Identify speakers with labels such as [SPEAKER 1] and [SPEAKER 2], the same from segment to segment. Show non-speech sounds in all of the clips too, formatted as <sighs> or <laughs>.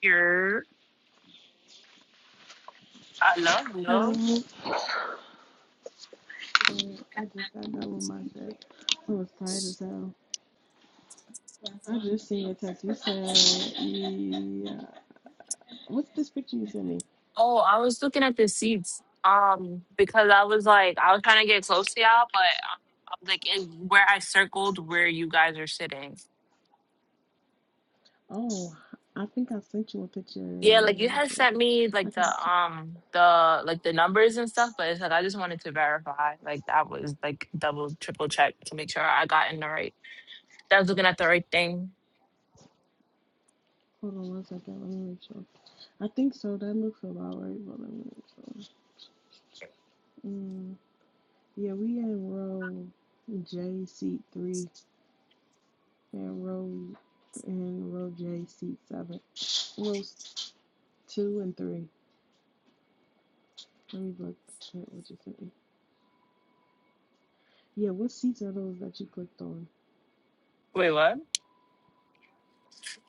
[SPEAKER 1] Here, I love, love.
[SPEAKER 2] That was my shit. It was tight as hell. I just seen your text. You said, yeah. What's this picture you sent me?
[SPEAKER 1] Oh, I was looking at the seats. Um, because I was like, I was trying to get close to y'all, but I was like, it, where I circled where you guys are sitting.
[SPEAKER 2] Oh, I think I sent you a picture.
[SPEAKER 1] Yeah, like you had sent me
[SPEAKER 2] I
[SPEAKER 1] like the
[SPEAKER 2] gotta check.
[SPEAKER 1] um the like the numbers and stuff, but it's like I just wanted to verify. Like that was like double, triple check to make sure I got in the right. That I was looking at the right thing.
[SPEAKER 2] Hold on one second. Let me make sure. I think so. That looks about right. But let me make sure. Mm, yeah, we in row J seat three and row and row J seat seven. Rows two and three. Let me look at what you sent me. Yeah, what seats are those that you clicked on?
[SPEAKER 1] Wait, what?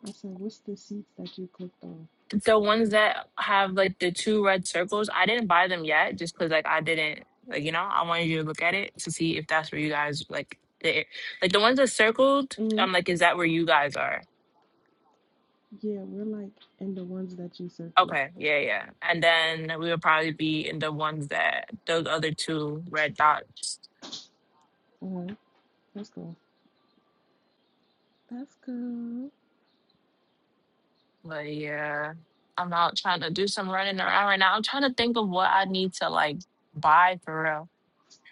[SPEAKER 2] I said, what's the seats that you clicked on?
[SPEAKER 1] the ones that have like the two red circles, I didn't buy them yet just because like I didn't like you know, I wanted you to look at it to see if that's where you guys like the like the ones that circled,
[SPEAKER 2] Mm-hmm.
[SPEAKER 1] I'm like, is that where you guys are?
[SPEAKER 2] Yeah, we're like in the ones that you circled.
[SPEAKER 1] Okay, yeah, yeah. And then we would probably be in the ones that those other two red dots.
[SPEAKER 2] Uh-huh. Let's go. That's good.
[SPEAKER 1] But yeah. I'm out trying to do some running around right now. I'm trying to think of what I need to like buy for real.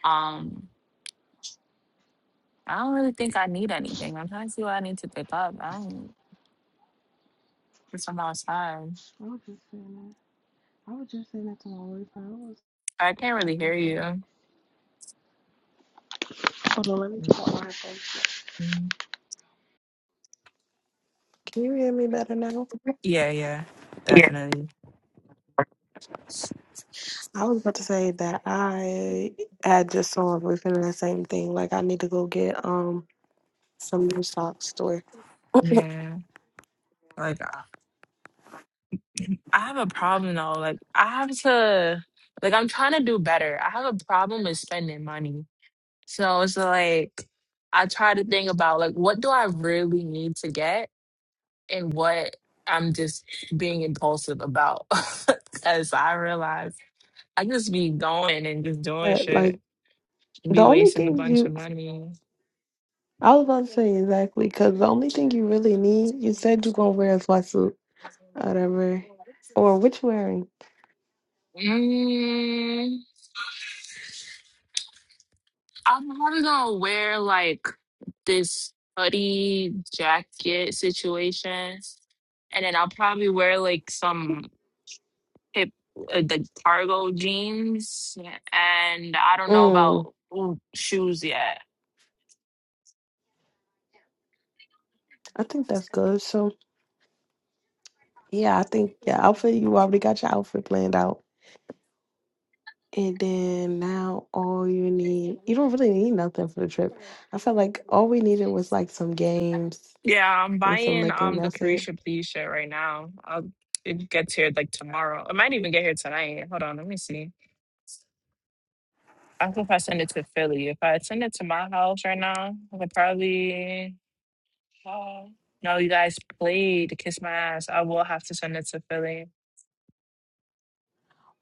[SPEAKER 1] Um I don't really think I need anything. I'm trying to see what I need to pick up. I don't. Because I'm outside.
[SPEAKER 2] I was just saying that. I was just saying that to my boyfriend. I was
[SPEAKER 1] I can't
[SPEAKER 2] like,
[SPEAKER 1] really hear
[SPEAKER 2] that's all.
[SPEAKER 1] you.
[SPEAKER 2] Hold on, let me check out my headphones.
[SPEAKER 1] Mm-mm.
[SPEAKER 2] Can you hear me better now?
[SPEAKER 1] Yeah, yeah, definitely.
[SPEAKER 2] I was about to say that I had just saw a boyfriend and the same thing. Like I need to go get um some new socks store.
[SPEAKER 1] Yeah. Like, I I have a problem though. Like, I have to, like, I'm trying to do better. I have a problem with spending money. So it's like, I try to think about, like, what do I really need to get and what I'm just being impulsive about. <laughs> Because I realize I just be going and just doing
[SPEAKER 2] But
[SPEAKER 1] shit.
[SPEAKER 2] like the
[SPEAKER 1] Be
[SPEAKER 2] only
[SPEAKER 1] wasting a
[SPEAKER 2] thing
[SPEAKER 1] bunch
[SPEAKER 2] you
[SPEAKER 1] of money.
[SPEAKER 2] I was about to say exactly because the only thing you really need, you said you're gonna wear a sweatsuit. whatever, or what you wearing?
[SPEAKER 1] Mm, I'm probably gonna wear like this hoodie jacket situation, and then I'll probably wear like some hip, uh, the cargo jeans, and I don't know
[SPEAKER 2] Mm,
[SPEAKER 1] about ooh, shoes yet.
[SPEAKER 2] I think that's good. So yeah, I think your outfit. You already got your outfit planned out, and then now all you need, you don't really need nothing for the trip. I felt like all we needed was like some games
[SPEAKER 1] Yeah, I'm
[SPEAKER 2] and some
[SPEAKER 1] buying
[SPEAKER 2] liquor.
[SPEAKER 1] um the
[SPEAKER 2] That's it.
[SPEAKER 1] Carisha Please shirt right now. I'll it gets here like tomorrow. It might even get here tonight. Hold on, let me see. I hope if I send it to Philly. If I send it to my house right now, I could probably oh, no, you guys played Kiss My Ass. I will have to send it to Philly.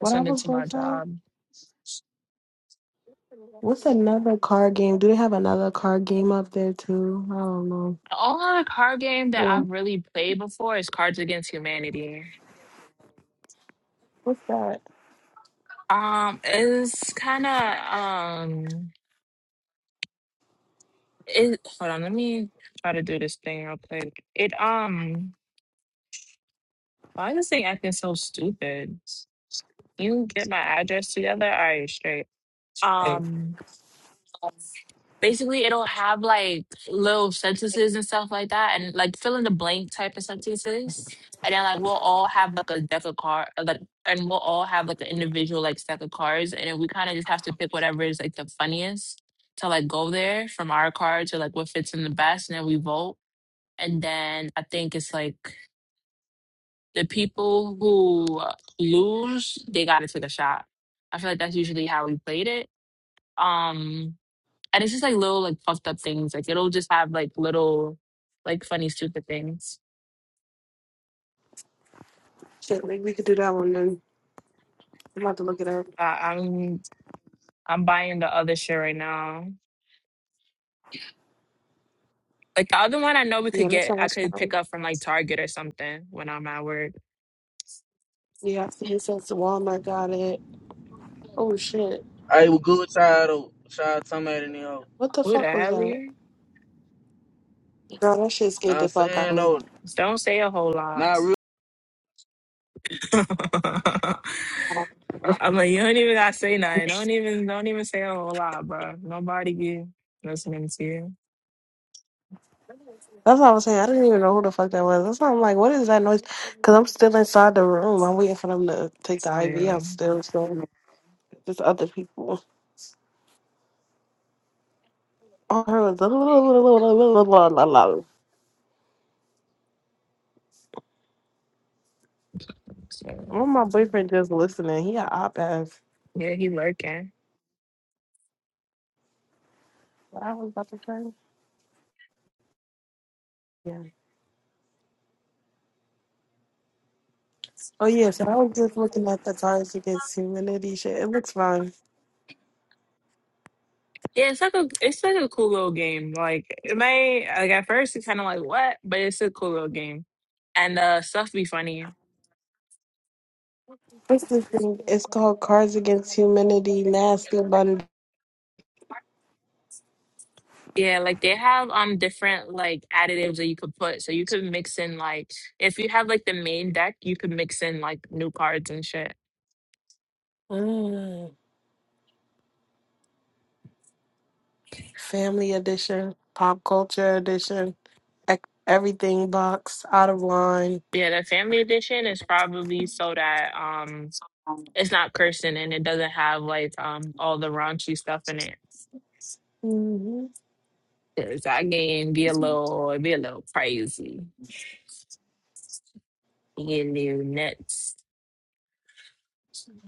[SPEAKER 1] I
[SPEAKER 2] I
[SPEAKER 1] send it
[SPEAKER 2] was
[SPEAKER 1] to
[SPEAKER 2] gonna
[SPEAKER 1] my
[SPEAKER 2] say.
[SPEAKER 1] job. The
[SPEAKER 2] What's another card game? Do they have another card game up there too? I don't know.
[SPEAKER 1] only card game that I've
[SPEAKER 2] Well,
[SPEAKER 1] really played before is Cards Against Humanity.
[SPEAKER 2] what's that?
[SPEAKER 1] Um, it's kind of um. It hold on, let me try to do this thing real quick. It um, why is this thing acting so stupid? Can You get my address together? All right, straight. Um, basically, it'll have like little sentences and stuff like that, and like fill in the blank type of sentences. And then like we'll all have like a deck of cards, like, and we'll all have like an individual like stack of cards, and then we kind of just have to pick whatever is like the funniest to like go there from our card to like what fits in the best, and then we vote And then I think it's like the people who lose, they gotta take a shot. I feel like that's usually how we played it. Um, and it's just like little like puffed up things. Like it'll just have like little like funny stupid things.
[SPEAKER 2] Shit, maybe we could do that one then. I'm about to look it up.
[SPEAKER 1] Uh, I'm I'm buying the other shit right now. Like the other one, I know we
[SPEAKER 2] Yeah,
[SPEAKER 1] could
[SPEAKER 2] that
[SPEAKER 1] get. I
[SPEAKER 2] sounds
[SPEAKER 1] could
[SPEAKER 2] fun.
[SPEAKER 1] pick up from like Target or something when I'm at work.
[SPEAKER 2] Yeah, I see it says Walmart got it. Oh shit.
[SPEAKER 3] I was good tired of child talking about it, you know.
[SPEAKER 2] What the
[SPEAKER 1] Who the
[SPEAKER 2] fuck was
[SPEAKER 1] hell are
[SPEAKER 2] that?
[SPEAKER 1] you?
[SPEAKER 2] Girl, that shit
[SPEAKER 3] Know
[SPEAKER 2] scared
[SPEAKER 3] what I'm
[SPEAKER 2] the fuck out
[SPEAKER 3] saying
[SPEAKER 2] of me.
[SPEAKER 3] though?
[SPEAKER 1] Don't say a whole lot.
[SPEAKER 3] Not real.
[SPEAKER 1] <laughs>
[SPEAKER 2] That's
[SPEAKER 1] I'm like, you don't even gotta say nothing. Don't even don't even say a whole lot, bro. Nobody be listening to you.
[SPEAKER 2] what I was saying. I didn't even know who the fuck that was. That's why I'm like, what is that noise? Because I'm still inside the room. I'm waiting for them to take the
[SPEAKER 1] Oh
[SPEAKER 2] IV
[SPEAKER 1] yeah.
[SPEAKER 2] out still. still, there's other people. All I heard was <laughs> well,
[SPEAKER 1] So,
[SPEAKER 2] my boyfriend just listening. He a op ass.
[SPEAKER 1] yeah, he lurking.
[SPEAKER 2] What I was about to say? Yeah. Oh yeah, so I was just looking at the Cards Against Humanity shit. It looks fine.
[SPEAKER 1] Yeah, it's like a it's like a cool little game. Like it may like at first it's kinda like what? But it's a cool little game. And uh stuff be funny.
[SPEAKER 2] What's this thing? It's called Cards Against Humanity Nasty Bun.
[SPEAKER 1] Yeah, like they have um different like additives that you could put. So you could mix in like if you have like the main deck, you could mix in like new cards and shit.
[SPEAKER 2] Mm. Family Edition, Pop Culture Edition, ec- Everything Box, Out of Line.
[SPEAKER 1] Yeah, the family edition is probably so that um It's not cursing and it doesn't have like um all the raunchy stuff in it.
[SPEAKER 2] hmm
[SPEAKER 1] 'Cause that game be a little it be a little crazy. Get new nuts.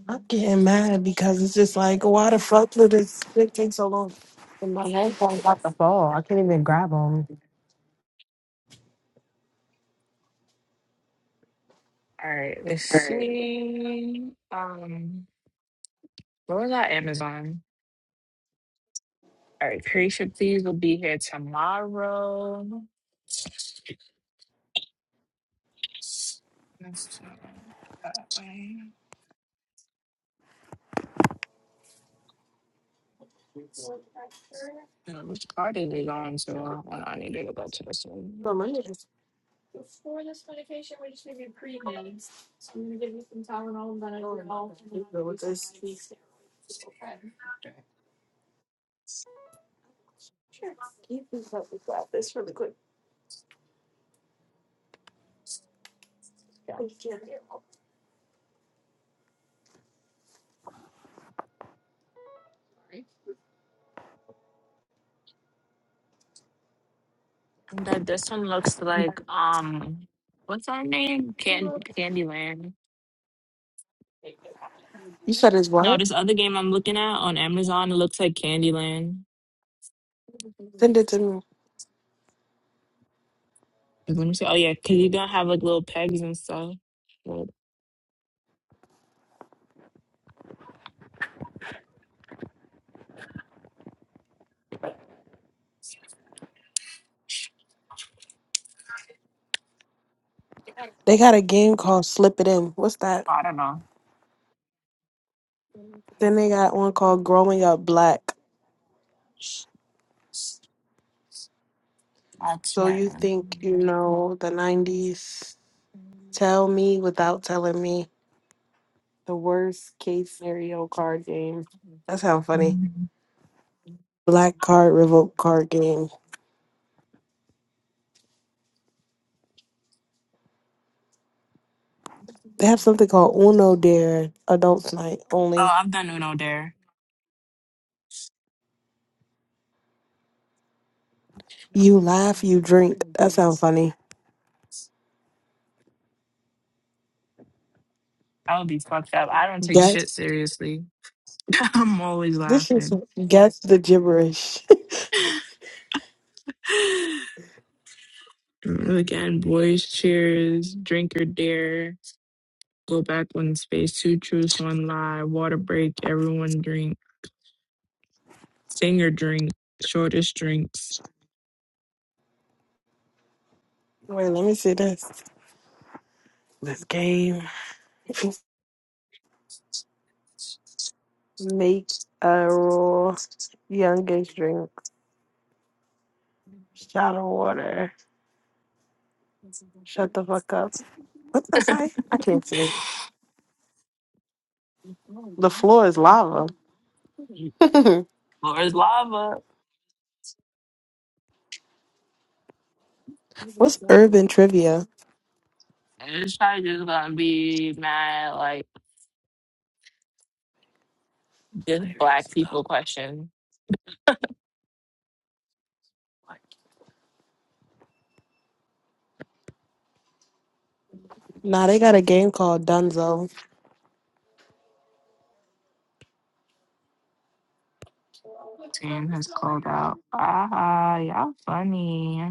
[SPEAKER 2] I'm getting mad because it's just like, why the fuck did this shit take so long? And my handphone's about to fall. I can't even grab them.
[SPEAKER 1] All right, let's
[SPEAKER 2] Right.
[SPEAKER 1] see. Um, what was that Amazon? All right, Creation Please will be here tomorrow. That's uh, that way. I don't know which card is it on? So I I need to go to this one.
[SPEAKER 2] Oh, my goodness. So I'm gonna give you some Tylenol, then I will go home. You Go with this. Sure. Can you please help me grab this really quick? Yeah. Thank You
[SPEAKER 1] And that this one looks like um what's her name? Can Candyland.
[SPEAKER 2] You said it's
[SPEAKER 1] No,
[SPEAKER 2] what?
[SPEAKER 1] this other game I'm looking at on Amazon it looks like Candyland.
[SPEAKER 2] Send it to me.
[SPEAKER 1] 'Cause Let me see. Oh yeah, because you don't have like little pegs and stuff. Well,
[SPEAKER 2] They got a game called Slip It In. What's that?
[SPEAKER 1] I don't know.
[SPEAKER 2] Then they got one called Growing Up Black.
[SPEAKER 1] That's
[SPEAKER 2] So you
[SPEAKER 1] right.
[SPEAKER 2] think you know the 90s. Tell me without telling me. The worst case scenario card game. That sounds funny. Black card, revoke card game. They have something called Uno Dare Adults Night only.
[SPEAKER 1] Oh, I've done Uno there.
[SPEAKER 2] You laugh, you drink. That sounds funny.
[SPEAKER 1] I would be fucked up. I don't take
[SPEAKER 2] Guess
[SPEAKER 1] shit seriously. <laughs> I'm always
[SPEAKER 2] this is
[SPEAKER 1] laughing.
[SPEAKER 2] guess the gibberish.
[SPEAKER 1] <sighs> Again, boys, cheers, drink or dare, go back one space, two truths, one lie, water break, everyone drink, sing or drink, shortest drinks.
[SPEAKER 2] <laughs> Wait, let me see this. This game. Makes a rule. Youngest drink shadow water. Shut the fuck up. What's that say? I can't see.
[SPEAKER 1] Floor's
[SPEAKER 2] The floor is lava. <laughs>
[SPEAKER 1] lava.
[SPEAKER 2] What's urban
[SPEAKER 1] And
[SPEAKER 2] trivia?
[SPEAKER 1] It's probably just gonna be mad like this black people question.
[SPEAKER 2] Nah, they got a game called Dunzo.
[SPEAKER 1] Team has called out. Ah, y'all funny.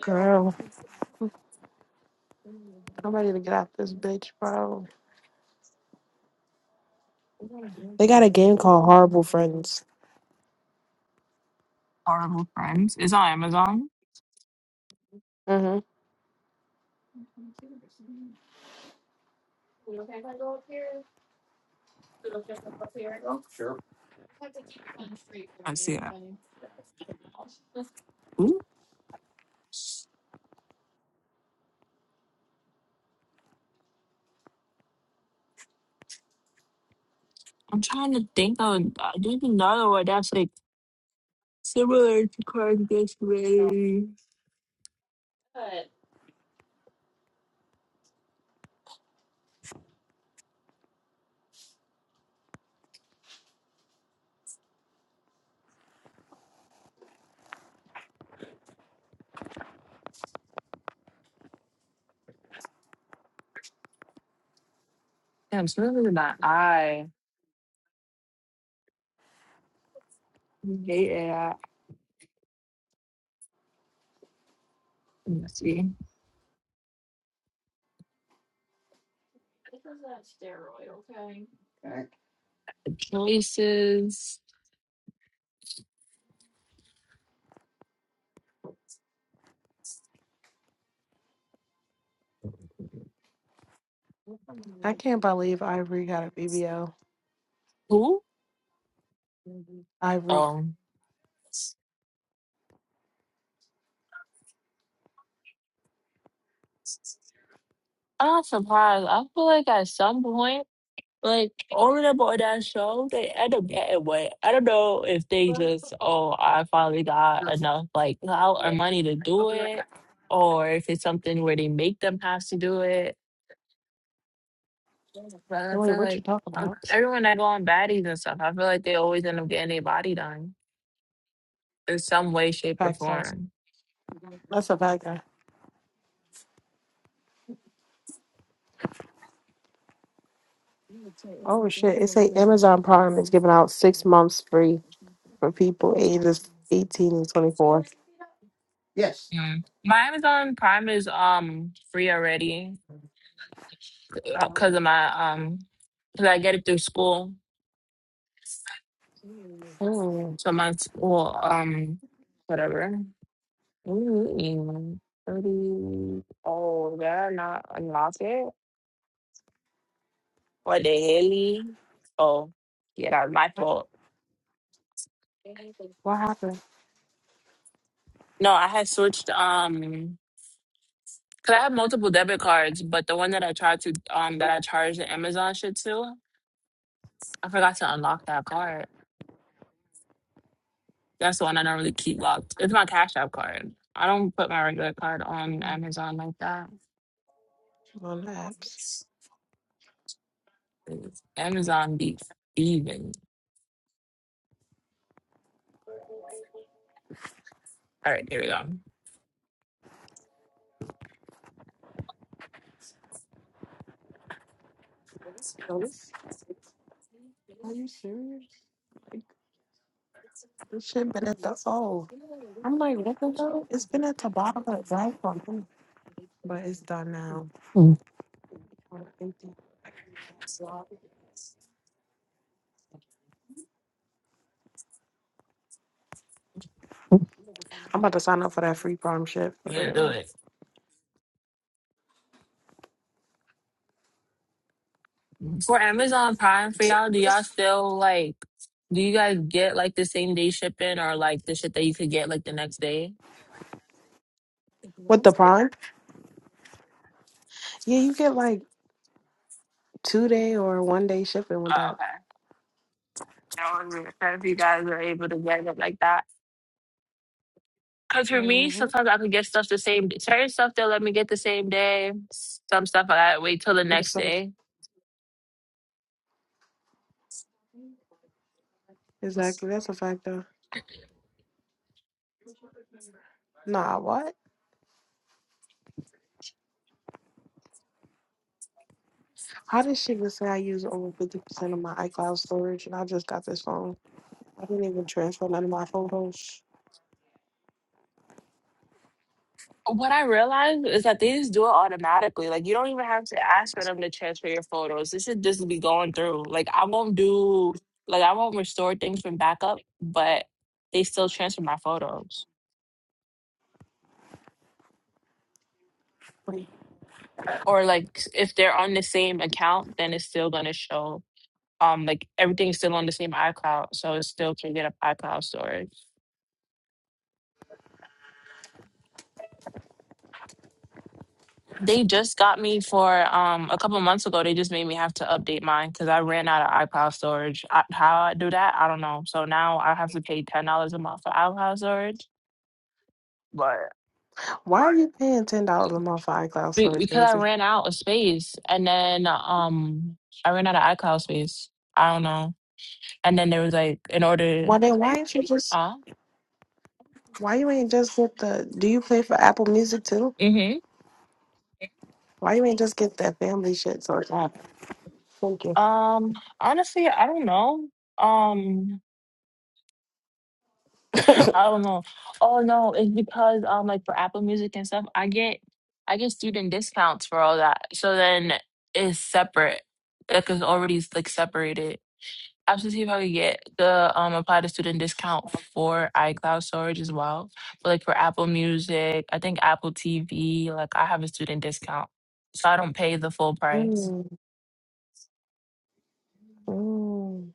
[SPEAKER 2] Girl, I'm ready to get out this bitch, bro. They got a game called Horrible Friends.
[SPEAKER 1] Horrible friends. It's on Amazon.
[SPEAKER 2] hmm
[SPEAKER 1] I see it. Ooh, I'm trying to think of uh, there's another one that's like similar to Card This Way. Damn, similar to my eye. Yeah. Let's see. The choices.
[SPEAKER 2] I can't believe Ivory got a BBL.
[SPEAKER 1] Who?
[SPEAKER 2] Ivory.
[SPEAKER 1] Um, I'm not surprised. I feel like at some point. Like all of them on that show, they end up getting what I don't know if they just, oh, I finally got enough like clout or money to do it, or if it's something where they make them have to do it. But
[SPEAKER 2] Hey,
[SPEAKER 1] I
[SPEAKER 2] wait,
[SPEAKER 1] feel
[SPEAKER 2] what you
[SPEAKER 1] like
[SPEAKER 2] talk
[SPEAKER 1] um,
[SPEAKER 2] about?
[SPEAKER 1] everyone that go on baddies and stuff, I feel like they always end up getting their body done in some way, shape, or
[SPEAKER 2] Facts, though.
[SPEAKER 1] form.
[SPEAKER 2] That's a fact, Oh shit! It say Amazon Prime is giving out six months free for people ages eighteen and twenty four.
[SPEAKER 1] Mm. My Amazon Prime is um free already because of my um because I get it through school,
[SPEAKER 2] Mm,
[SPEAKER 1] so my school um whatever. Ooh, mm, thirty. Oh, they're not unlock it. What the hell? Oh, yeah, that was my fault.
[SPEAKER 2] what happened
[SPEAKER 1] No, I had switched. Um, cause I have multiple debit cards, but the one that I tried to um that I charged the Amazon shit to, I forgot to unlock that card. That's the one I normally keep locked. It's my Cash App card. I don't put my regular card on
[SPEAKER 2] Mm,
[SPEAKER 1] Amazon like that.
[SPEAKER 2] on the apps?
[SPEAKER 1] Amazon be even. All right, here we go. I'm
[SPEAKER 2] Yo, Are you serious? Like this shit been at the oh, I'm like what the hell? It's been at the bottom of the iPhone, but it's done now. Mm. I'm about to sign up for that free Prime shit. But
[SPEAKER 1] gonna do
[SPEAKER 2] anyway.
[SPEAKER 1] it. For Amazon Prime for y'all, do y'all still like do you guys get like the same day shipping or like the shit that you could get like the next day?
[SPEAKER 2] With the
[SPEAKER 1] Yeah.
[SPEAKER 2] Prime? Yeah, you get like two day or one day shipping with
[SPEAKER 1] Oh,
[SPEAKER 2] that.
[SPEAKER 1] okay. That was it. So if you guys are able to get it like that. Cause for me,
[SPEAKER 2] Mm-hmm.
[SPEAKER 1] sometimes I could get stuff the same day. Certain stuff they'll let me get the same day. Some stuff I gotta wait till the next day.
[SPEAKER 2] Exactly. That's a fact though. Nah, what? How did she just say I use over fifty percent of my iCloud storage and I just got this phone? I didn't even transfer none of my photos.
[SPEAKER 1] What I realized is that they just do it automatically. Like you don't even have to ask for them to transfer your photos. This should just be going through. Like I won't do like I won't restore things from backup, but they still transfer my photos.
[SPEAKER 2] Wait,
[SPEAKER 1] Or like if they're on the same account, then it's still gonna show um like everything's still on the same iCloud, so it still can get up iCloud storage. They just got me for um a couple months ago. They just made me have to update mine because I ran out of iCloud storage. I, how I do that, I don't know. So now I have to pay ten dollars a month for iCloud storage, but
[SPEAKER 2] why are you paying ten dollars a month for iCloud
[SPEAKER 1] be-
[SPEAKER 2] storage,
[SPEAKER 1] because I
[SPEAKER 2] crazy?
[SPEAKER 1] ran out of space, and then um I ran out of iCloud space. I don't know. And then there was like in order,
[SPEAKER 2] Well then why ain't you just
[SPEAKER 1] uh,
[SPEAKER 2] why you ain't just get the do you pay for Apple Music too?
[SPEAKER 1] mm-hmm.
[SPEAKER 2] Why you ain't just get that family shit so it's not- Thank you.
[SPEAKER 1] Um, honestly, I don't know. Um. <laughs> I don't know. Oh no, it's because um like for Apple Music and stuff, I get I get student discounts for all that. So then it's separate. Like it's already like separated. I have to see if I could get the um apply the student discount for iCloud storage as well. But like for Apple Music, I think Apple TV, like I have a student discount. So I don't pay the full price.
[SPEAKER 2] Mm, mm,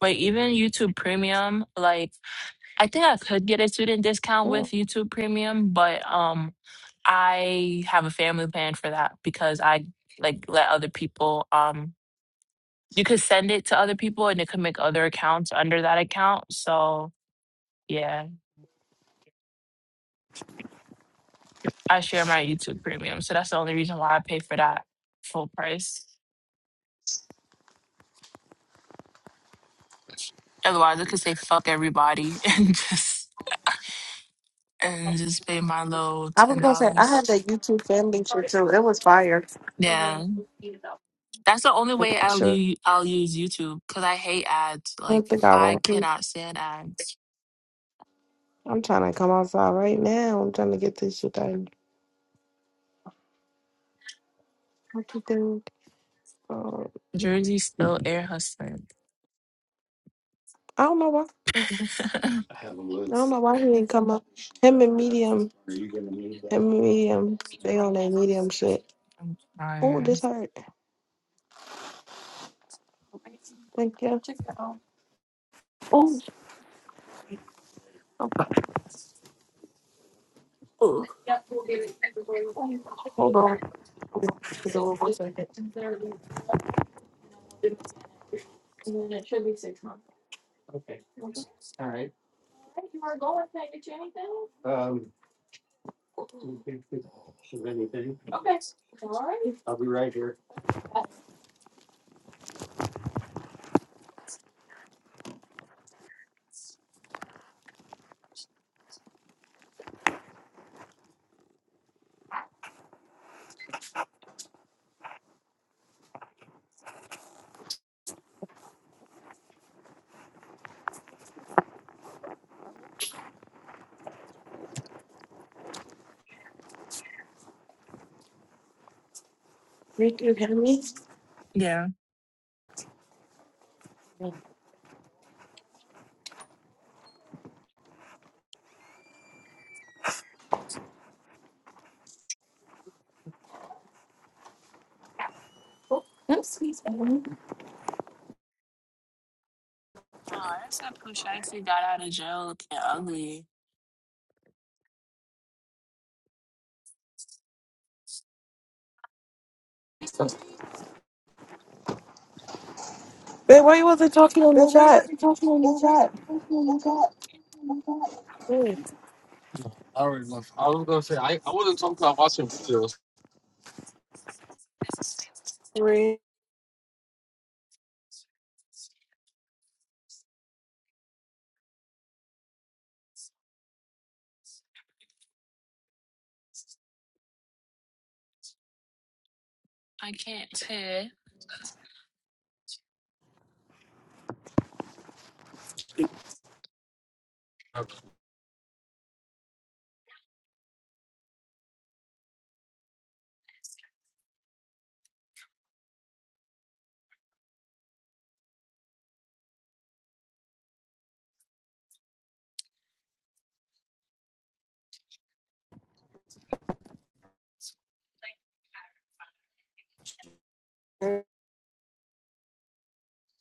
[SPEAKER 1] But even YouTube Premium, like I think I could get a student discount
[SPEAKER 2] mm.
[SPEAKER 1] with YouTube Premium, but um, I have a family plan for that because I like let other people um you could send it to other people and they could make other accounts under that account. So yeah, I share my YouTube Premium, so that's the only reason why I pay for that full price. Otherwise, I could say fuck everybody <laughs> and just and just pay my low
[SPEAKER 2] I was
[SPEAKER 1] ten
[SPEAKER 2] gonna say I
[SPEAKER 1] dollars.
[SPEAKER 2] had that YouTube family shit too. It was fire.
[SPEAKER 1] Yeah. That's the only way I'll use i I'll use YouTube because I hate ads.
[SPEAKER 2] I don't
[SPEAKER 1] Like
[SPEAKER 2] think I
[SPEAKER 1] I
[SPEAKER 2] want to.
[SPEAKER 1] cannot stand ads.
[SPEAKER 2] I'm trying to come outside right now. I'm trying to get this shit done. What you think? Um,
[SPEAKER 1] Jersey still air hustling.
[SPEAKER 2] I don't know why.
[SPEAKER 1] <laughs>
[SPEAKER 2] I don't know why he didn't come up. Him and Medium. Him and Medium. They on that Medium shit.
[SPEAKER 1] I'm
[SPEAKER 2] Oh,
[SPEAKER 1] tired.
[SPEAKER 2] this hurt. Thank you. Oh, hold on. It's over for a second. Rick, you hear me?
[SPEAKER 1] Yeah. No, that's that Pooh Shiesty got out of jail looking ugly.
[SPEAKER 2] Babe, why you wasn't talking on the chat? Talking on the chat. Rick.
[SPEAKER 1] I can't tell.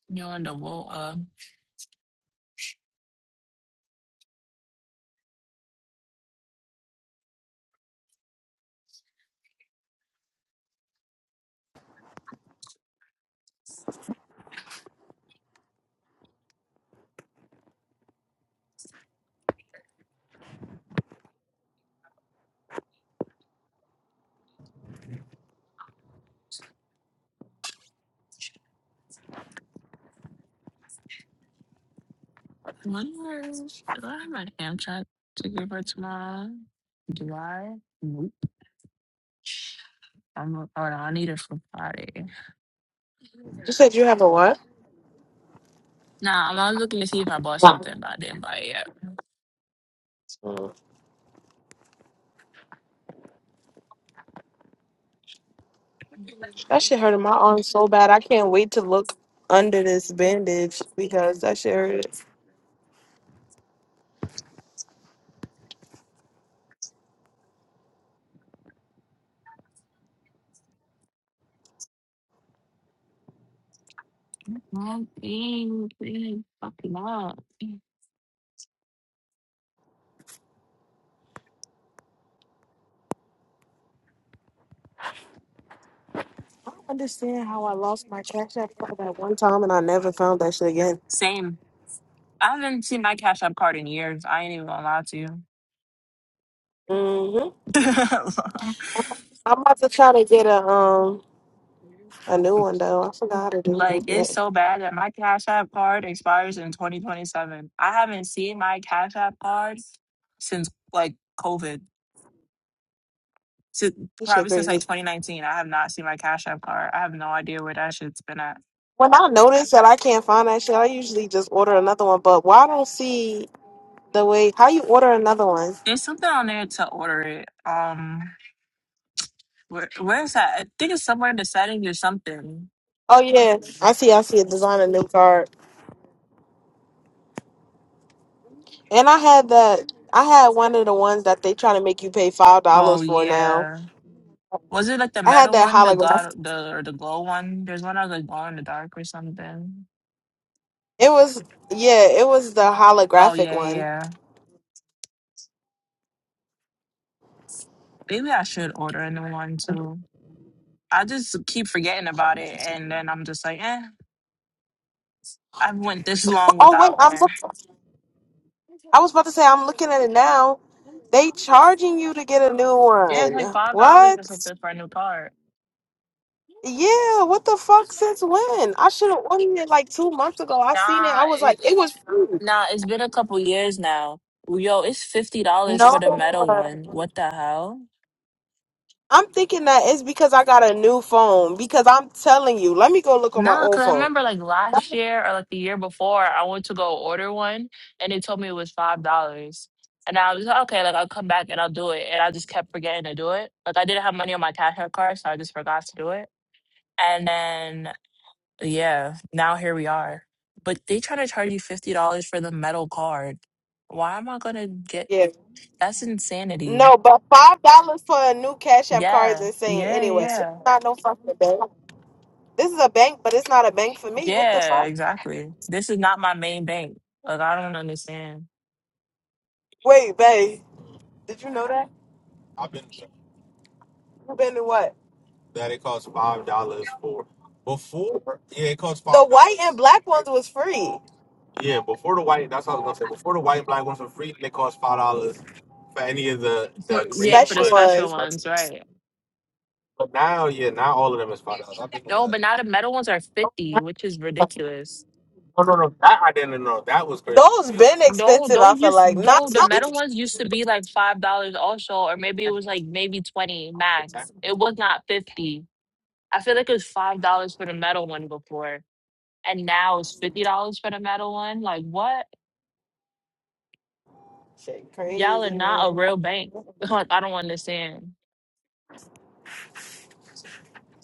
[SPEAKER 1] You're on the wall. Uh, wonder do I have my hand shot to give her tomorrow? Do I? Nope. I'm, oh, no, I need it for Friday.
[SPEAKER 2] You said you have a what?
[SPEAKER 1] Nah, I was looking to see if I bought something, but I didn't buy it yet.
[SPEAKER 2] That shit hurted my arm so bad. I can't wait to look under this bandage because that shit hurt.
[SPEAKER 1] Mm, mm, mm, Fucking up.
[SPEAKER 2] I don't understand how I lost my cash app card that one time and I never found that shit again.
[SPEAKER 1] Same. I haven't seen my Cash App card in years. I ain't even gonna lie to you.
[SPEAKER 2] hmm
[SPEAKER 1] <laughs>
[SPEAKER 2] I'm, I'm about to try to get a um a new one though. I forgot how to do
[SPEAKER 1] like it's
[SPEAKER 2] it.
[SPEAKER 1] so bad that my Cash App card expires in 2027. I haven't seen my Cash App card since like COVID. Si-
[SPEAKER 2] This shit
[SPEAKER 1] probably since like
[SPEAKER 2] crazy.
[SPEAKER 1] 2019. I have not seen my Cash App card. I have no idea where that shit's been at.
[SPEAKER 2] When I notice that I can't find that shit, I usually just order another one. But why I don't see the way how you order another one?
[SPEAKER 1] There's something on there to order it. Um. Where, where's that? I think it's somewhere in the settings or something.
[SPEAKER 2] Oh yeah, I see. I see a design a new card. And I had that. I had one of the ones that they trying to make you pay five dollars
[SPEAKER 1] Oh
[SPEAKER 2] for now.
[SPEAKER 1] yeah. Was it like the
[SPEAKER 2] I had
[SPEAKER 1] metal
[SPEAKER 2] that
[SPEAKER 1] one, the
[SPEAKER 2] holographic.
[SPEAKER 1] god, the or the glow one? There's one that was like glow in the dark or something.
[SPEAKER 2] It was yeah, it was the
[SPEAKER 1] Oh
[SPEAKER 2] holographic
[SPEAKER 1] yeah, yeah.
[SPEAKER 2] one.
[SPEAKER 1] yeah. Maybe I should order a new one too. I just keep forgetting about it, and then I'm just like, eh. I went this <laughs> long
[SPEAKER 2] Oh wait,
[SPEAKER 1] without
[SPEAKER 2] I'm.
[SPEAKER 1] one.
[SPEAKER 2] look- I was about to say I'm looking at it now. They charging you to get a new
[SPEAKER 1] Yeah, it's
[SPEAKER 2] one.
[SPEAKER 1] like five dollars or
[SPEAKER 2] What?
[SPEAKER 1] something for a new card.
[SPEAKER 2] Yeah, what the fuck? Since when? I should have ordered it like two months ago. I seen it.
[SPEAKER 1] Nah,
[SPEAKER 2] I was
[SPEAKER 1] it,
[SPEAKER 2] like,
[SPEAKER 1] it,
[SPEAKER 2] it was free.
[SPEAKER 1] nah. It's been a couple years now. Yo, it's fifty dollars for the metal
[SPEAKER 2] No,
[SPEAKER 1] one. What the hell?
[SPEAKER 2] I'm thinking that it's because I got a new phone. Because I'm telling you, let me go look on my
[SPEAKER 1] Nah,
[SPEAKER 2] old
[SPEAKER 1] because I
[SPEAKER 2] phone.
[SPEAKER 1] remember like last year or like the year before, I went to go order one and they told me it was $5. And I was like, okay, like I'll come back and I'll do it. And I just kept forgetting to do it. Like I didn't have money on my Cash App card, so I just forgot to do it. And then, yeah, now here we are. But they trying to charge you $50 for the metal card. Why am I going to get
[SPEAKER 2] Yeah.
[SPEAKER 1] that's insanity.
[SPEAKER 2] No, but five dollars for a new Cash App card is
[SPEAKER 1] Yeah,
[SPEAKER 2] insane.
[SPEAKER 1] yeah,
[SPEAKER 2] Anyway, it's
[SPEAKER 1] yeah.
[SPEAKER 2] not no fucking bank. This is a bank, but it's not a bank for me. What the
[SPEAKER 1] Yeah,
[SPEAKER 2] fuck?
[SPEAKER 1] exactly. This is not my main bank. Like I don't understand.
[SPEAKER 2] Wait, babe, did you know that? I've been. You been to what? That it costs five dollars for. Before, yeah, it costs five. The white and black ones was free. Yeah, before the white, that's what I was gonna say. Before the white and black ones were free, they cost five dollars for any of the the
[SPEAKER 1] For-
[SPEAKER 2] green
[SPEAKER 1] Yeah, for the
[SPEAKER 2] special
[SPEAKER 1] special
[SPEAKER 2] ones. ones.
[SPEAKER 1] ones, right?
[SPEAKER 2] But now, yeah, now all of them is five dollars. I've been
[SPEAKER 1] No,
[SPEAKER 2] to
[SPEAKER 1] but now the metal ones are fifty, which is
[SPEAKER 2] that.
[SPEAKER 1] ridiculous.
[SPEAKER 2] No, no, no. That I didn't know. That was crazy. Those been
[SPEAKER 1] No,
[SPEAKER 2] expensive.
[SPEAKER 1] those
[SPEAKER 2] I feel
[SPEAKER 1] used
[SPEAKER 2] like not
[SPEAKER 1] no the metal ones used to be like five dollars also, or maybe it was like maybe twenty max. It was not fifty. I feel like it was five dollars for the metal one before, and now it's fifty dollars for the metal one. Like what?
[SPEAKER 2] shit
[SPEAKER 1] Y'all are
[SPEAKER 2] crazy,
[SPEAKER 1] not a
[SPEAKER 2] man.
[SPEAKER 1] real bank. <laughs> Like, I don't understand.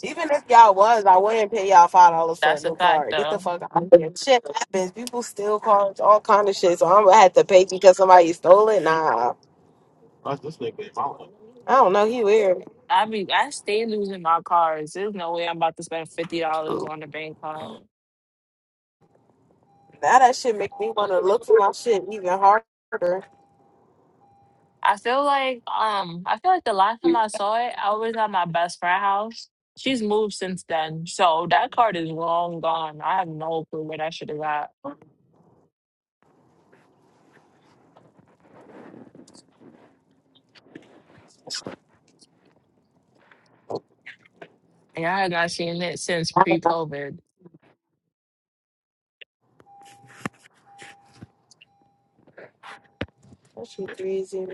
[SPEAKER 2] Even if y'all was, I wouldn't pay y'all five dollars for a
[SPEAKER 1] That's a
[SPEAKER 2] new
[SPEAKER 1] fact
[SPEAKER 2] card. Get the
[SPEAKER 1] though.
[SPEAKER 2] fuck out of here. Shit happens. People steal cards, all kind of shit. So I'm gonna have to pay because somebody stole it. Nah, What's this nigga? following? I don't know. He weird.
[SPEAKER 1] I be I stay losing my cards. There's no way I'm about to spend fifty dollars on the bank card.
[SPEAKER 2] Now that shit make me want to look for my shit even harder.
[SPEAKER 1] I feel like um I feel like the last time I saw it, I was at my best friend house. She's moved since then. So that card is long gone. I have no clue where that shit have got. And I have not seen it since pre
[SPEAKER 2] That
[SPEAKER 1] COVID.
[SPEAKER 2] shit crazy.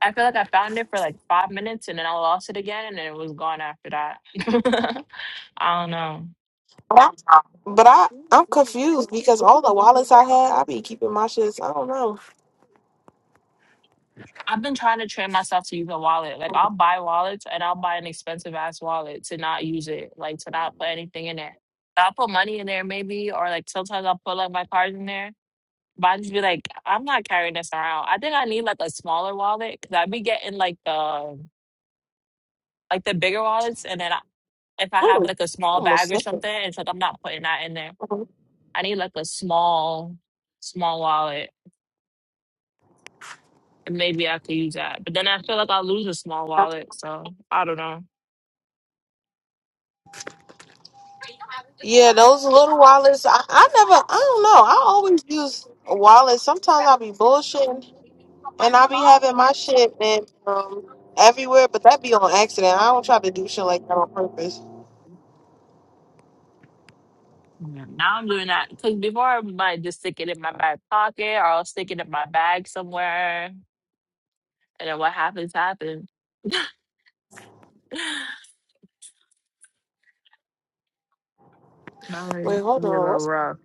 [SPEAKER 1] I feel like I found it for like five minutes and then I lost it again and then it was gone after that. <laughs> I don't know.
[SPEAKER 2] But I, but I, I'm confused because all the wallets I had, I be keeping my shits. I don't know.
[SPEAKER 1] I've been trying to train myself to use a wallet. Like I'll buy wallets and I'll buy an expensive ass wallet to not use it, like to not put anything in there. I'll put money in there maybe, or like sometimes I'll put like my cards in there. But I just be like, I'm not carrying this around. I think I need like a smaller wallet because I be getting like the like the bigger wallets, and then I, if I have
[SPEAKER 2] Mm,
[SPEAKER 1] like a small
[SPEAKER 2] almost
[SPEAKER 1] bag or
[SPEAKER 2] sick.
[SPEAKER 1] something, it's like I'm not putting that in there. I need like a small, small wallet, and maybe I could use that. But then I feel like I'll lose a small wallet, so I don't know.
[SPEAKER 2] Yeah, those little wallets. I, I never. I don't know. I always use a wallet. Sometimes I be bullshitting and I be having my shit and um everywhere, but that be on accident. I don't try to do shit like that on purpose.
[SPEAKER 1] Yeah, Now I'm doing that because before I might just stick it in my back pocket or I'll stick it in my bag somewhere, and then what happens happens. <laughs> Now
[SPEAKER 2] Wait,
[SPEAKER 1] it's
[SPEAKER 2] hold
[SPEAKER 1] be a
[SPEAKER 2] on.
[SPEAKER 1] little rough.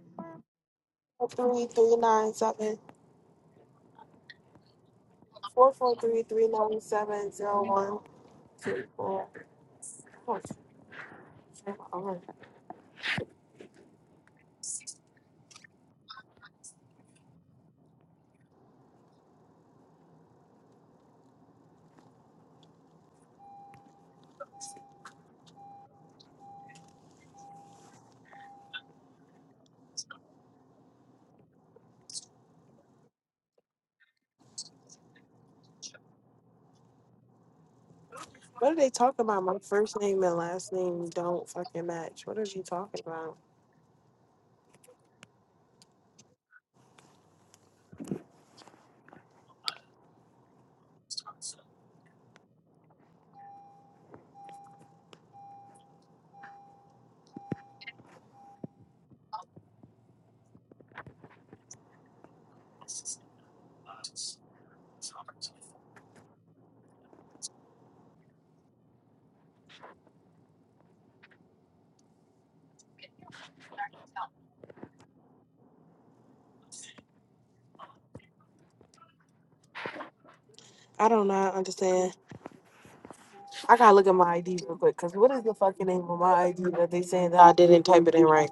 [SPEAKER 2] What's three three nine seven four four three three nine seven zero one two four? What are they talking about? My first name and last name don't fucking match. What are you talking about? I do not understand. I gotta look at my ID real quick, cause what is the fucking name of my ID that they saying that I didn't type it in right?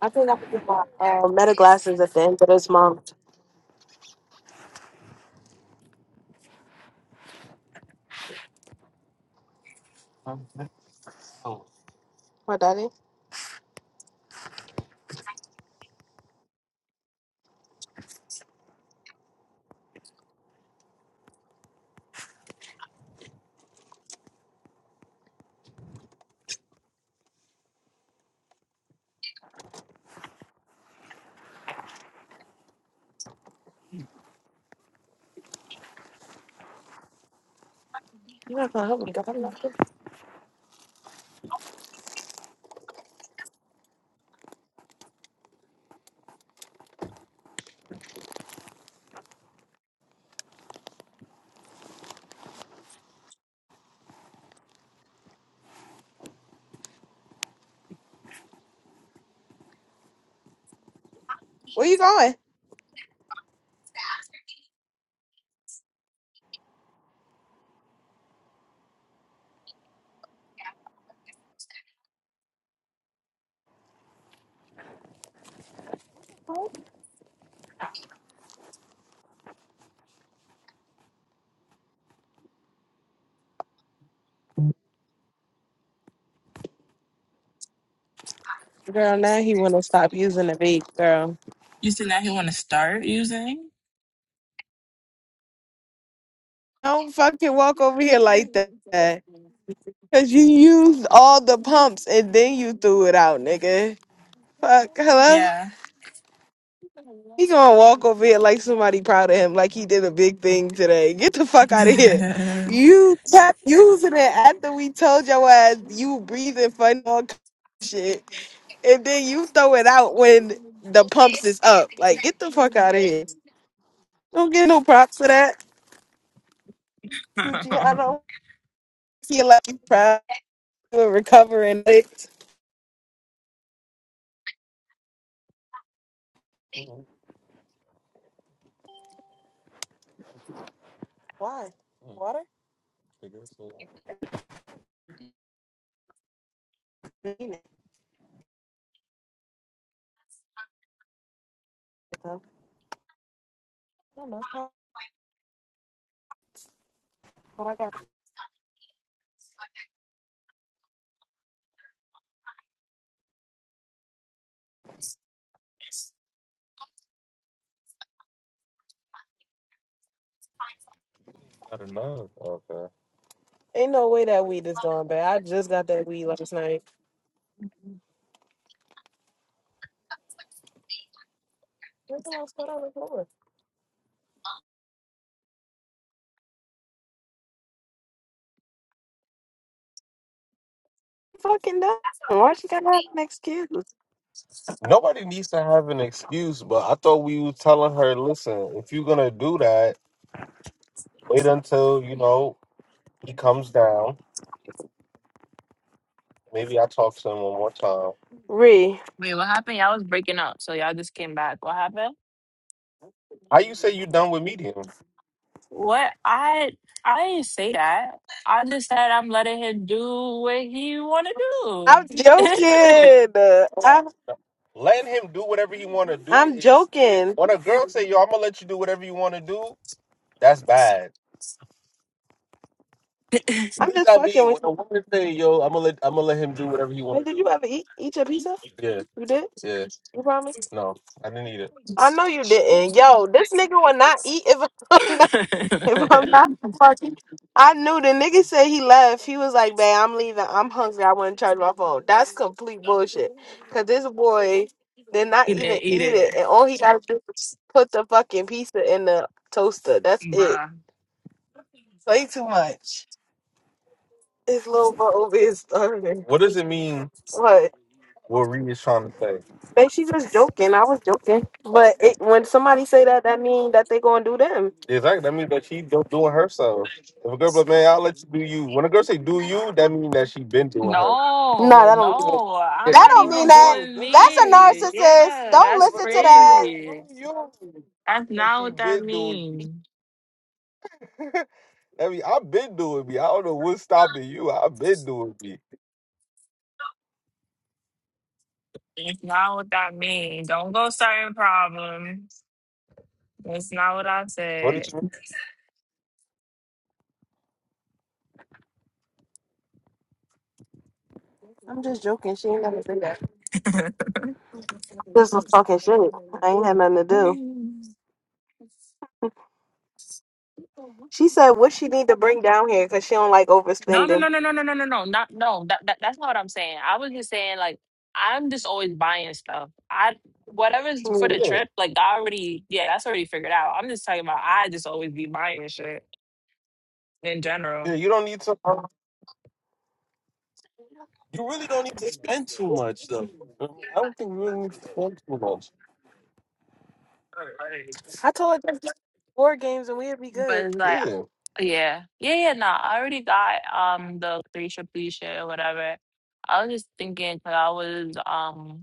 [SPEAKER 2] I think I put my uh, meta glasses at the end of this month. What, daddy? You not gonna help me? 'cause I'm not good. Where you going? Girl, now he wanna stop using the vape, girl.
[SPEAKER 1] You said that he want to start using?
[SPEAKER 2] Don't fucking walk over here like that. Cause you used all the pumps and then you threw it out, nigga. Fuck. Hello?
[SPEAKER 1] Yeah.
[SPEAKER 2] He gonna walk over here like somebody proud of him, like he did a big thing today. Get the
[SPEAKER 1] <laughs>
[SPEAKER 2] fuck out of here. You kept using it after we told your ass you breathing funny all kind of shit, and then you throw it out when the pumps is up. Like, get the fuck out of here. Don't get no props for that. I don't feel like you proud you were recovering it. Why? Water? I don't know. it's probably what I got. Ain't no way that weed is gone bad. I just got that weed last night. Where the hell's that on the floor? fucking done. Why she gotta have an excuse? Nobody needs to have an excuse, but I thought we were telling her, listen, if you're gonna do that, wait until, you know, he comes down. Maybe I talk to him one more time. Ree.
[SPEAKER 1] Wait, what happened? Y'all was breaking up, so y'all just came back. What happened?
[SPEAKER 2] How you say you done with medium?
[SPEAKER 1] What I I didn't say that. I just said I'm letting him do what he want to
[SPEAKER 2] I'm
[SPEAKER 1] do.
[SPEAKER 2] joking. Uh, I'm, Let him do whatever he wanna do. I'm It's joking. when a girl say, yo, I'm gonna let you do whatever you wanna do, that's bad.
[SPEAKER 1] <laughs>
[SPEAKER 2] I'm just I be fucking with when I want to say, yo, I'm gonna let I'm gonna let him do whatever he you. Hey, want to did do. you ever eat eat your pizza? Yeah, You did? yeah. You promise? No, I didn't eat it. I know you didn't. Yo, this nigga will not eat if <laughs> I'm not, if I'm not fucking. I knew the nigga said he left. He was like, "Babe, I'm leaving. I'm hungry. I want to charge my phone." That's complete bullshit. Cause this boy did not
[SPEAKER 1] eat
[SPEAKER 2] even
[SPEAKER 1] it, eat
[SPEAKER 2] eat
[SPEAKER 1] it,
[SPEAKER 2] it, and all he gotta do is put the fucking pizza in the toaster. That's it.
[SPEAKER 1] bruh.
[SPEAKER 2] Play too much. His little bubble being started. What does it mean What? what Reed is trying to say? They she just joking. I was joking. But it, when somebody say that, that mean that they gonna do them. Exactly. That means that she do doing herself. If a girl be like, man, I'll let you do you. When a girl say do you, that means that she been doing her. Nah,
[SPEAKER 1] No,
[SPEAKER 2] that don't mean it.
[SPEAKER 1] no, I'm
[SPEAKER 2] That
[SPEAKER 1] not
[SPEAKER 2] don't mean
[SPEAKER 1] even
[SPEAKER 2] that.
[SPEAKER 1] doing
[SPEAKER 2] That's a
[SPEAKER 1] me.
[SPEAKER 2] narcissist.
[SPEAKER 1] Yeah,
[SPEAKER 2] Don't
[SPEAKER 1] that's
[SPEAKER 2] listen to that.
[SPEAKER 1] crazy.
[SPEAKER 2] do you,
[SPEAKER 1] That's
[SPEAKER 2] that
[SPEAKER 1] not
[SPEAKER 2] she
[SPEAKER 1] what that
[SPEAKER 2] been doing me.
[SPEAKER 1] means.
[SPEAKER 2] <laughs> I mean, I've been doing me. I don't know what's stopping you. I've been doing me.
[SPEAKER 1] That's not what that means. Don't go starting problems. That's not what I
[SPEAKER 2] What did
[SPEAKER 1] said.
[SPEAKER 2] you? I'm just joking. She ain't never say that. This was talking shit. I ain't had nothing to do. She said what she need to bring down here because she don't like
[SPEAKER 1] No, no,
[SPEAKER 2] overspending.
[SPEAKER 1] no, no, no, no, no, no, no, not no. That, that that's not what I'm saying. I was just saying like I'm just always buying stuff. I whatever's for
[SPEAKER 2] Hmm.
[SPEAKER 1] the
[SPEAKER 2] Yeah,
[SPEAKER 1] trip, like I already yeah, that's already figured out. I'm just talking about I just always be buying shit in
[SPEAKER 2] yeah.
[SPEAKER 1] general.
[SPEAKER 2] You don't need to. You really don't need to spend too much, though. I mean, I don't think you really need to spend too much. I told her just play board games and we'd be
[SPEAKER 1] But
[SPEAKER 2] good.
[SPEAKER 1] it's like
[SPEAKER 2] Yeah.
[SPEAKER 1] yeah, yeah, yeah. No, I already got um the three triple E shit or whatever. I was just thinking 'cause I was um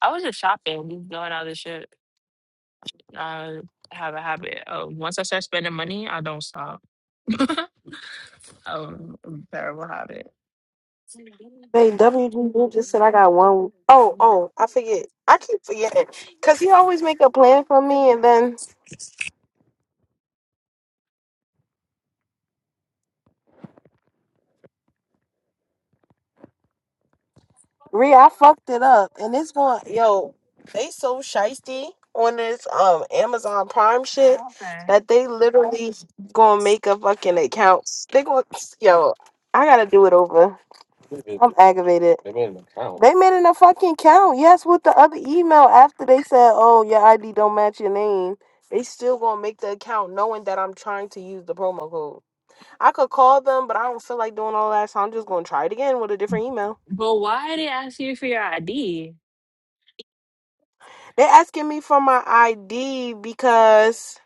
[SPEAKER 1] I was just shopping, just doing all this shit. I have a habit of once I start spending money, I don't stop. <laughs> um, terrible habit.
[SPEAKER 2] Hey, WGB just said I got one. Oh, oh, I forget. I keep forgetting because he always make a plan for me and then Ree, I fucked it up, and it's going. Yo, they so shisty on this um Amazon Prime shit
[SPEAKER 1] Okay.
[SPEAKER 2] that they literally gonna make a fucking account. They going yo. I gotta do it over. I'm aggravated. They made an a no fucking count. Yes, with the other email after they said, "Oh, your ID don't match your name." They still gonna make the account knowing that I'm trying to use the promo code. I could call them, but I don't feel like doing all that, so I'm just gonna try it again with a different email.
[SPEAKER 1] But why did they ask you for your ID?
[SPEAKER 2] They are asking me for my ID because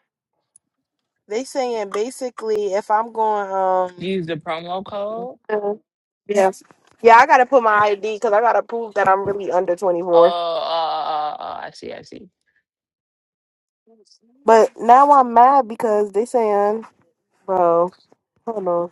[SPEAKER 2] they saying basically if I'm going um
[SPEAKER 1] Use the promo code.
[SPEAKER 2] Mhm. yeah yeah I gotta put my ID because I gotta prove that I'm really under
[SPEAKER 1] Oh, oh,
[SPEAKER 2] 24.
[SPEAKER 1] oh, oh, I see, I see.
[SPEAKER 2] But now I'm mad because they saying bro hold on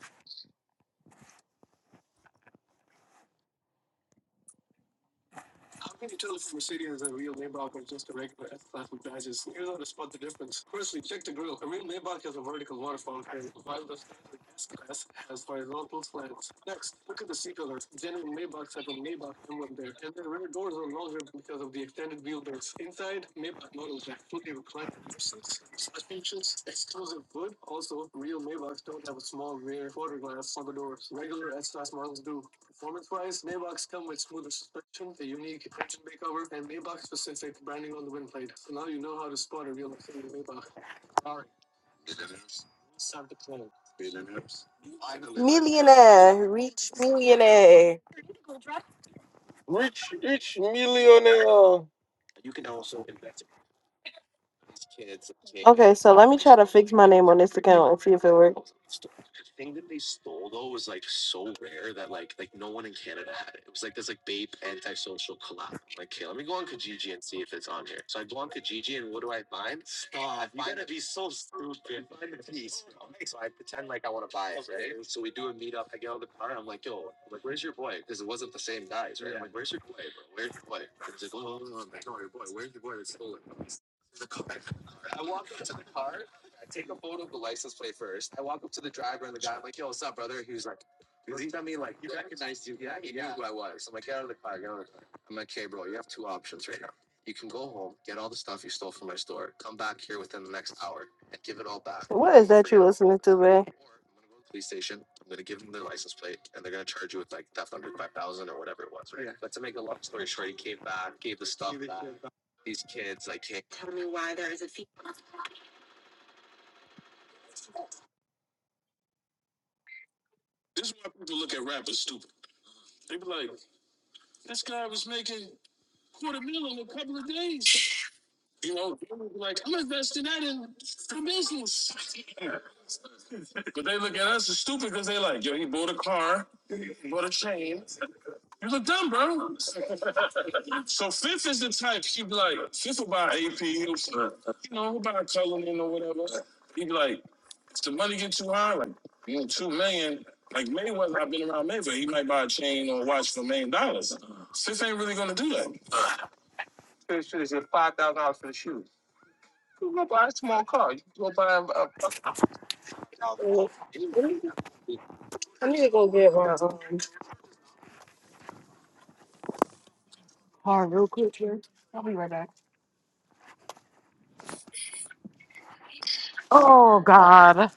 [SPEAKER 2] millionaire rich millionaire Rich, rich millionaire. okay so let me try to fix my name on this account and see if it works. What is that you listening to, man? This is why people look at rap as stupid. They be like, this guy was making quarter mil in a couple of days. You know, like, I'm investing that in the business. <laughs> but they look at us as stupid because they like, yo, he bought a car, he bought a chain. You look dumb, bro. <laughs> so Fifth is the type, he be like, Fifth will buy AP, he'll, you know, he'll buy a Cullinan or whatever. He be like, if the money get too high, like, you know, two million, like Mayweather, I've been around Mayweather. He might buy a chain or watch for a million dollars. Fifth ain't really gonna do that. for the shoes. It's five thousand dollars for the shoes. Buy a small car. You can go buy a. a- I need to go get my um, car real quick here. I'll be right back. Oh God,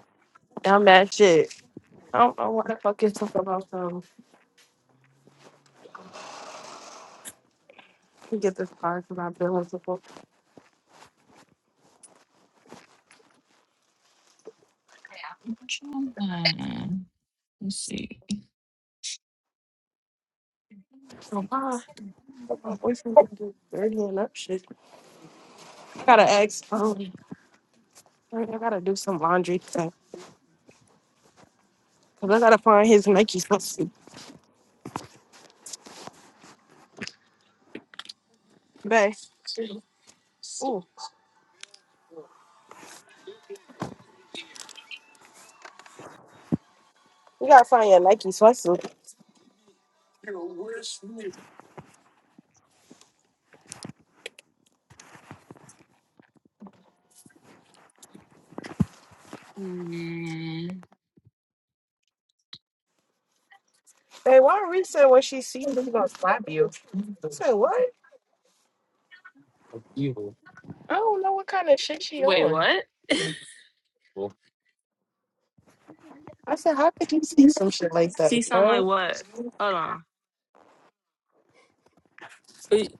[SPEAKER 2] I'm
[SPEAKER 1] Hmm,
[SPEAKER 2] that shit. I don't know what the fuck is talking about. So to get this car because I've been with people.
[SPEAKER 1] Let's see.
[SPEAKER 2] So my my boyfriend can do dirty and up shit. I gotta ask. Um, I gotta do some laundry so, cause I gotta find his Nike sweatsuit. Babe, ooh, you gotta find your Nike sweatsuit. Hey, why Reese said when she sees you, gonna slap you? I said what? I don't know what kind of shit she
[SPEAKER 1] Wait,
[SPEAKER 2] on.
[SPEAKER 1] what?
[SPEAKER 2] Well, I said, how could you see some shit like that,
[SPEAKER 1] See something like
[SPEAKER 2] girl?
[SPEAKER 1] what? Hold on. Wait,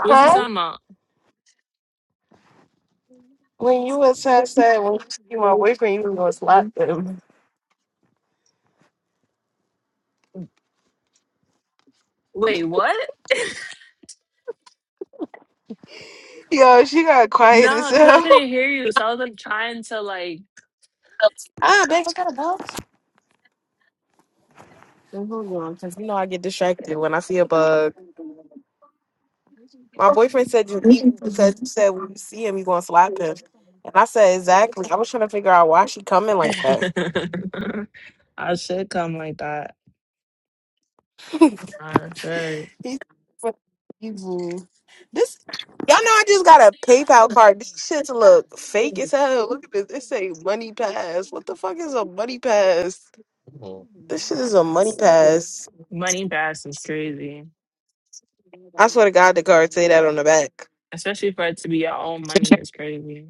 [SPEAKER 1] what you talking about?
[SPEAKER 2] When you was had said when you see my boyfriend, you was gonna slap him.
[SPEAKER 1] Wait, what?
[SPEAKER 2] Yo, she got quiet as
[SPEAKER 1] Nah, cause I
[SPEAKER 2] hell. <laughs>
[SPEAKER 1] couldn't hear you, so I was like trying to like.
[SPEAKER 2] Ah, babe, I gotta go. And Hold on, because you know I get distracted when I see a bug. My boyfriend said you eat because you said when you see him, you gonna slap him. And I said, exactly. I was trying to figure out why she coming like that.
[SPEAKER 1] <laughs> I should come like that. I said
[SPEAKER 2] This for evil. This y'all know I just got a PayPal card. This shit look fake as hell. Look at this. It say money pass. What the fuck is a money pass? This shit is a money pass.
[SPEAKER 1] money bass is crazy,
[SPEAKER 2] I swear to God, the card say that on the back.
[SPEAKER 1] especially for it to be your own money is crazy.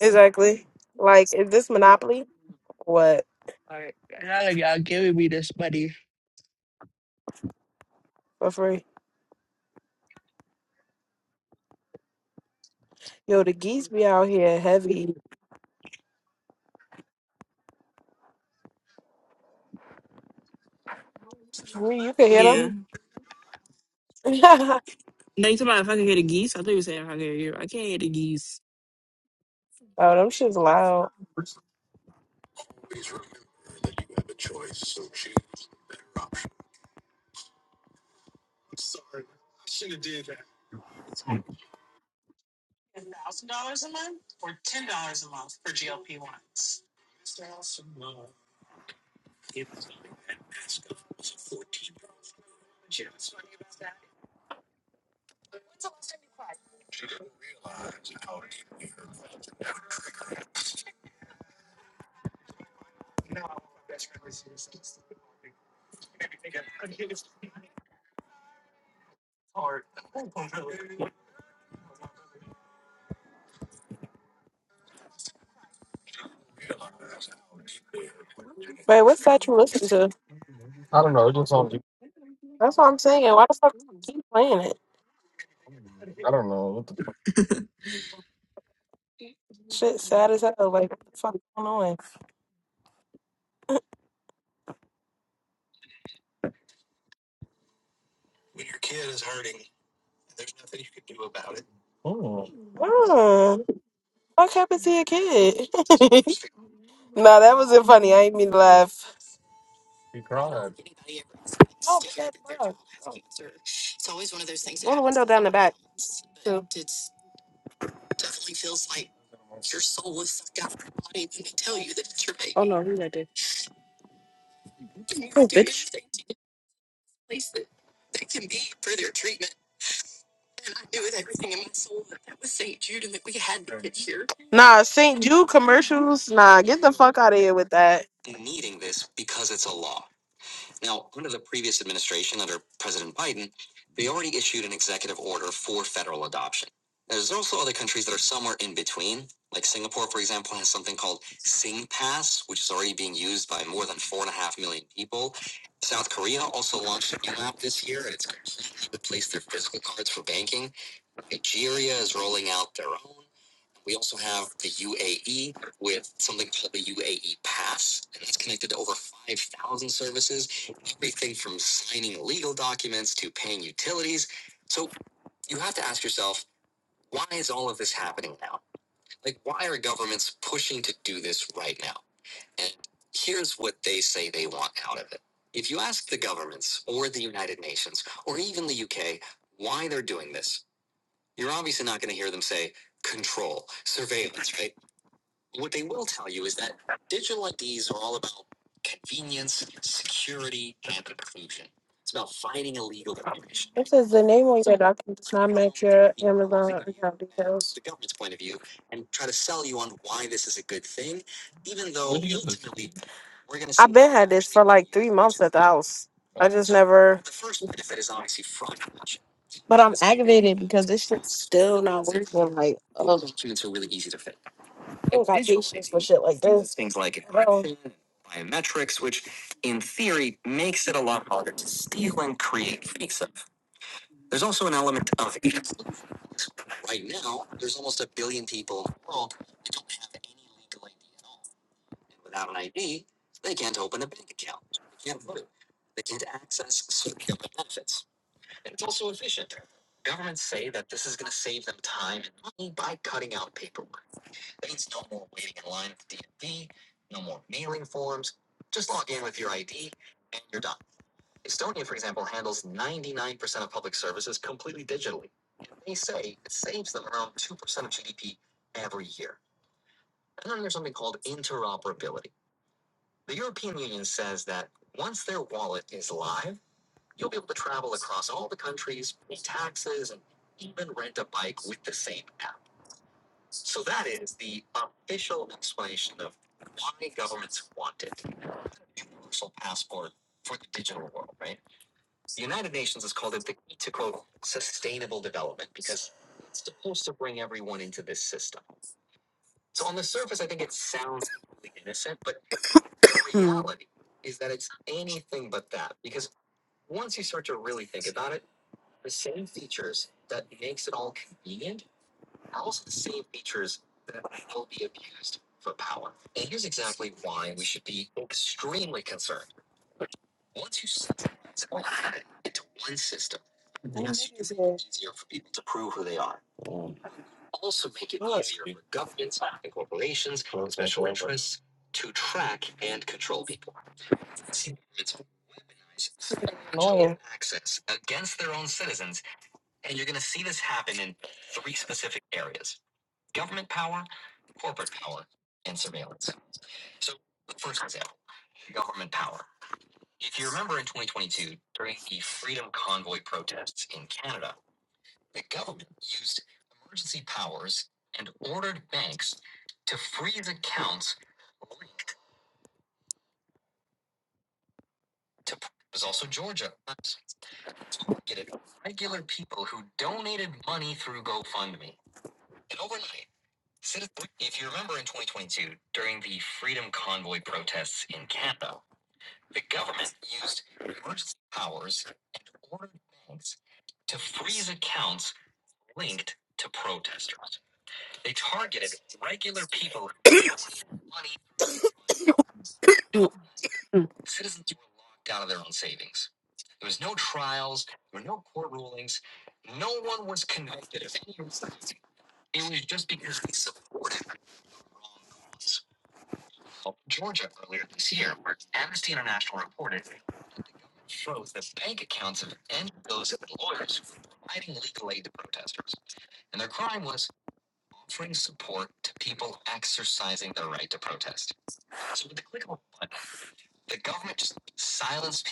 [SPEAKER 2] Exactly. Like, is this Monopoly? What
[SPEAKER 1] Like, now that y'all giving me this money.
[SPEAKER 2] for free? Yo, the geese be out here heavy. Free, You can hear
[SPEAKER 1] Yeah.
[SPEAKER 2] them. <laughs> oh,
[SPEAKER 1] No, you talking about if I could hear the geese? I thought you were saying if I could hear you. I can't hear the geese.
[SPEAKER 2] them shit's loud. Wait, what's that you listen to? That's what I'm saying. Why the fuck do you keep playing it? Shit, sad as hell. Like, what the fuck going on? Oh, Mm, what happened to your kid? <laughs> nah, that wasn't funny. I ain't mean to laugh. he cried. Oh, but that's loud. Roll the window down the back, too. Oh, no, read that there. Nah, St. Jude commercials. Nah, get the fuck out of here with that. It says the name on your document does not match your Amazon account details. I've been had this for like three months at the house. I just never. But I'm aggravated because this shit's still not working. Like, oh, I don't got patience for shit like this. Bro, damn, this is annoying.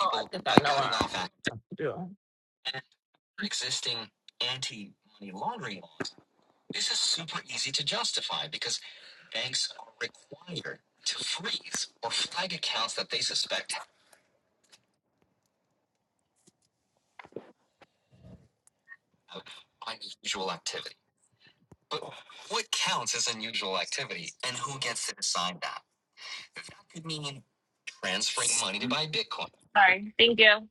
[SPEAKER 1] Oh, I think I know where I do. Sorry. Thank you.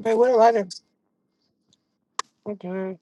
[SPEAKER 2] Wait, what a letter. Okay.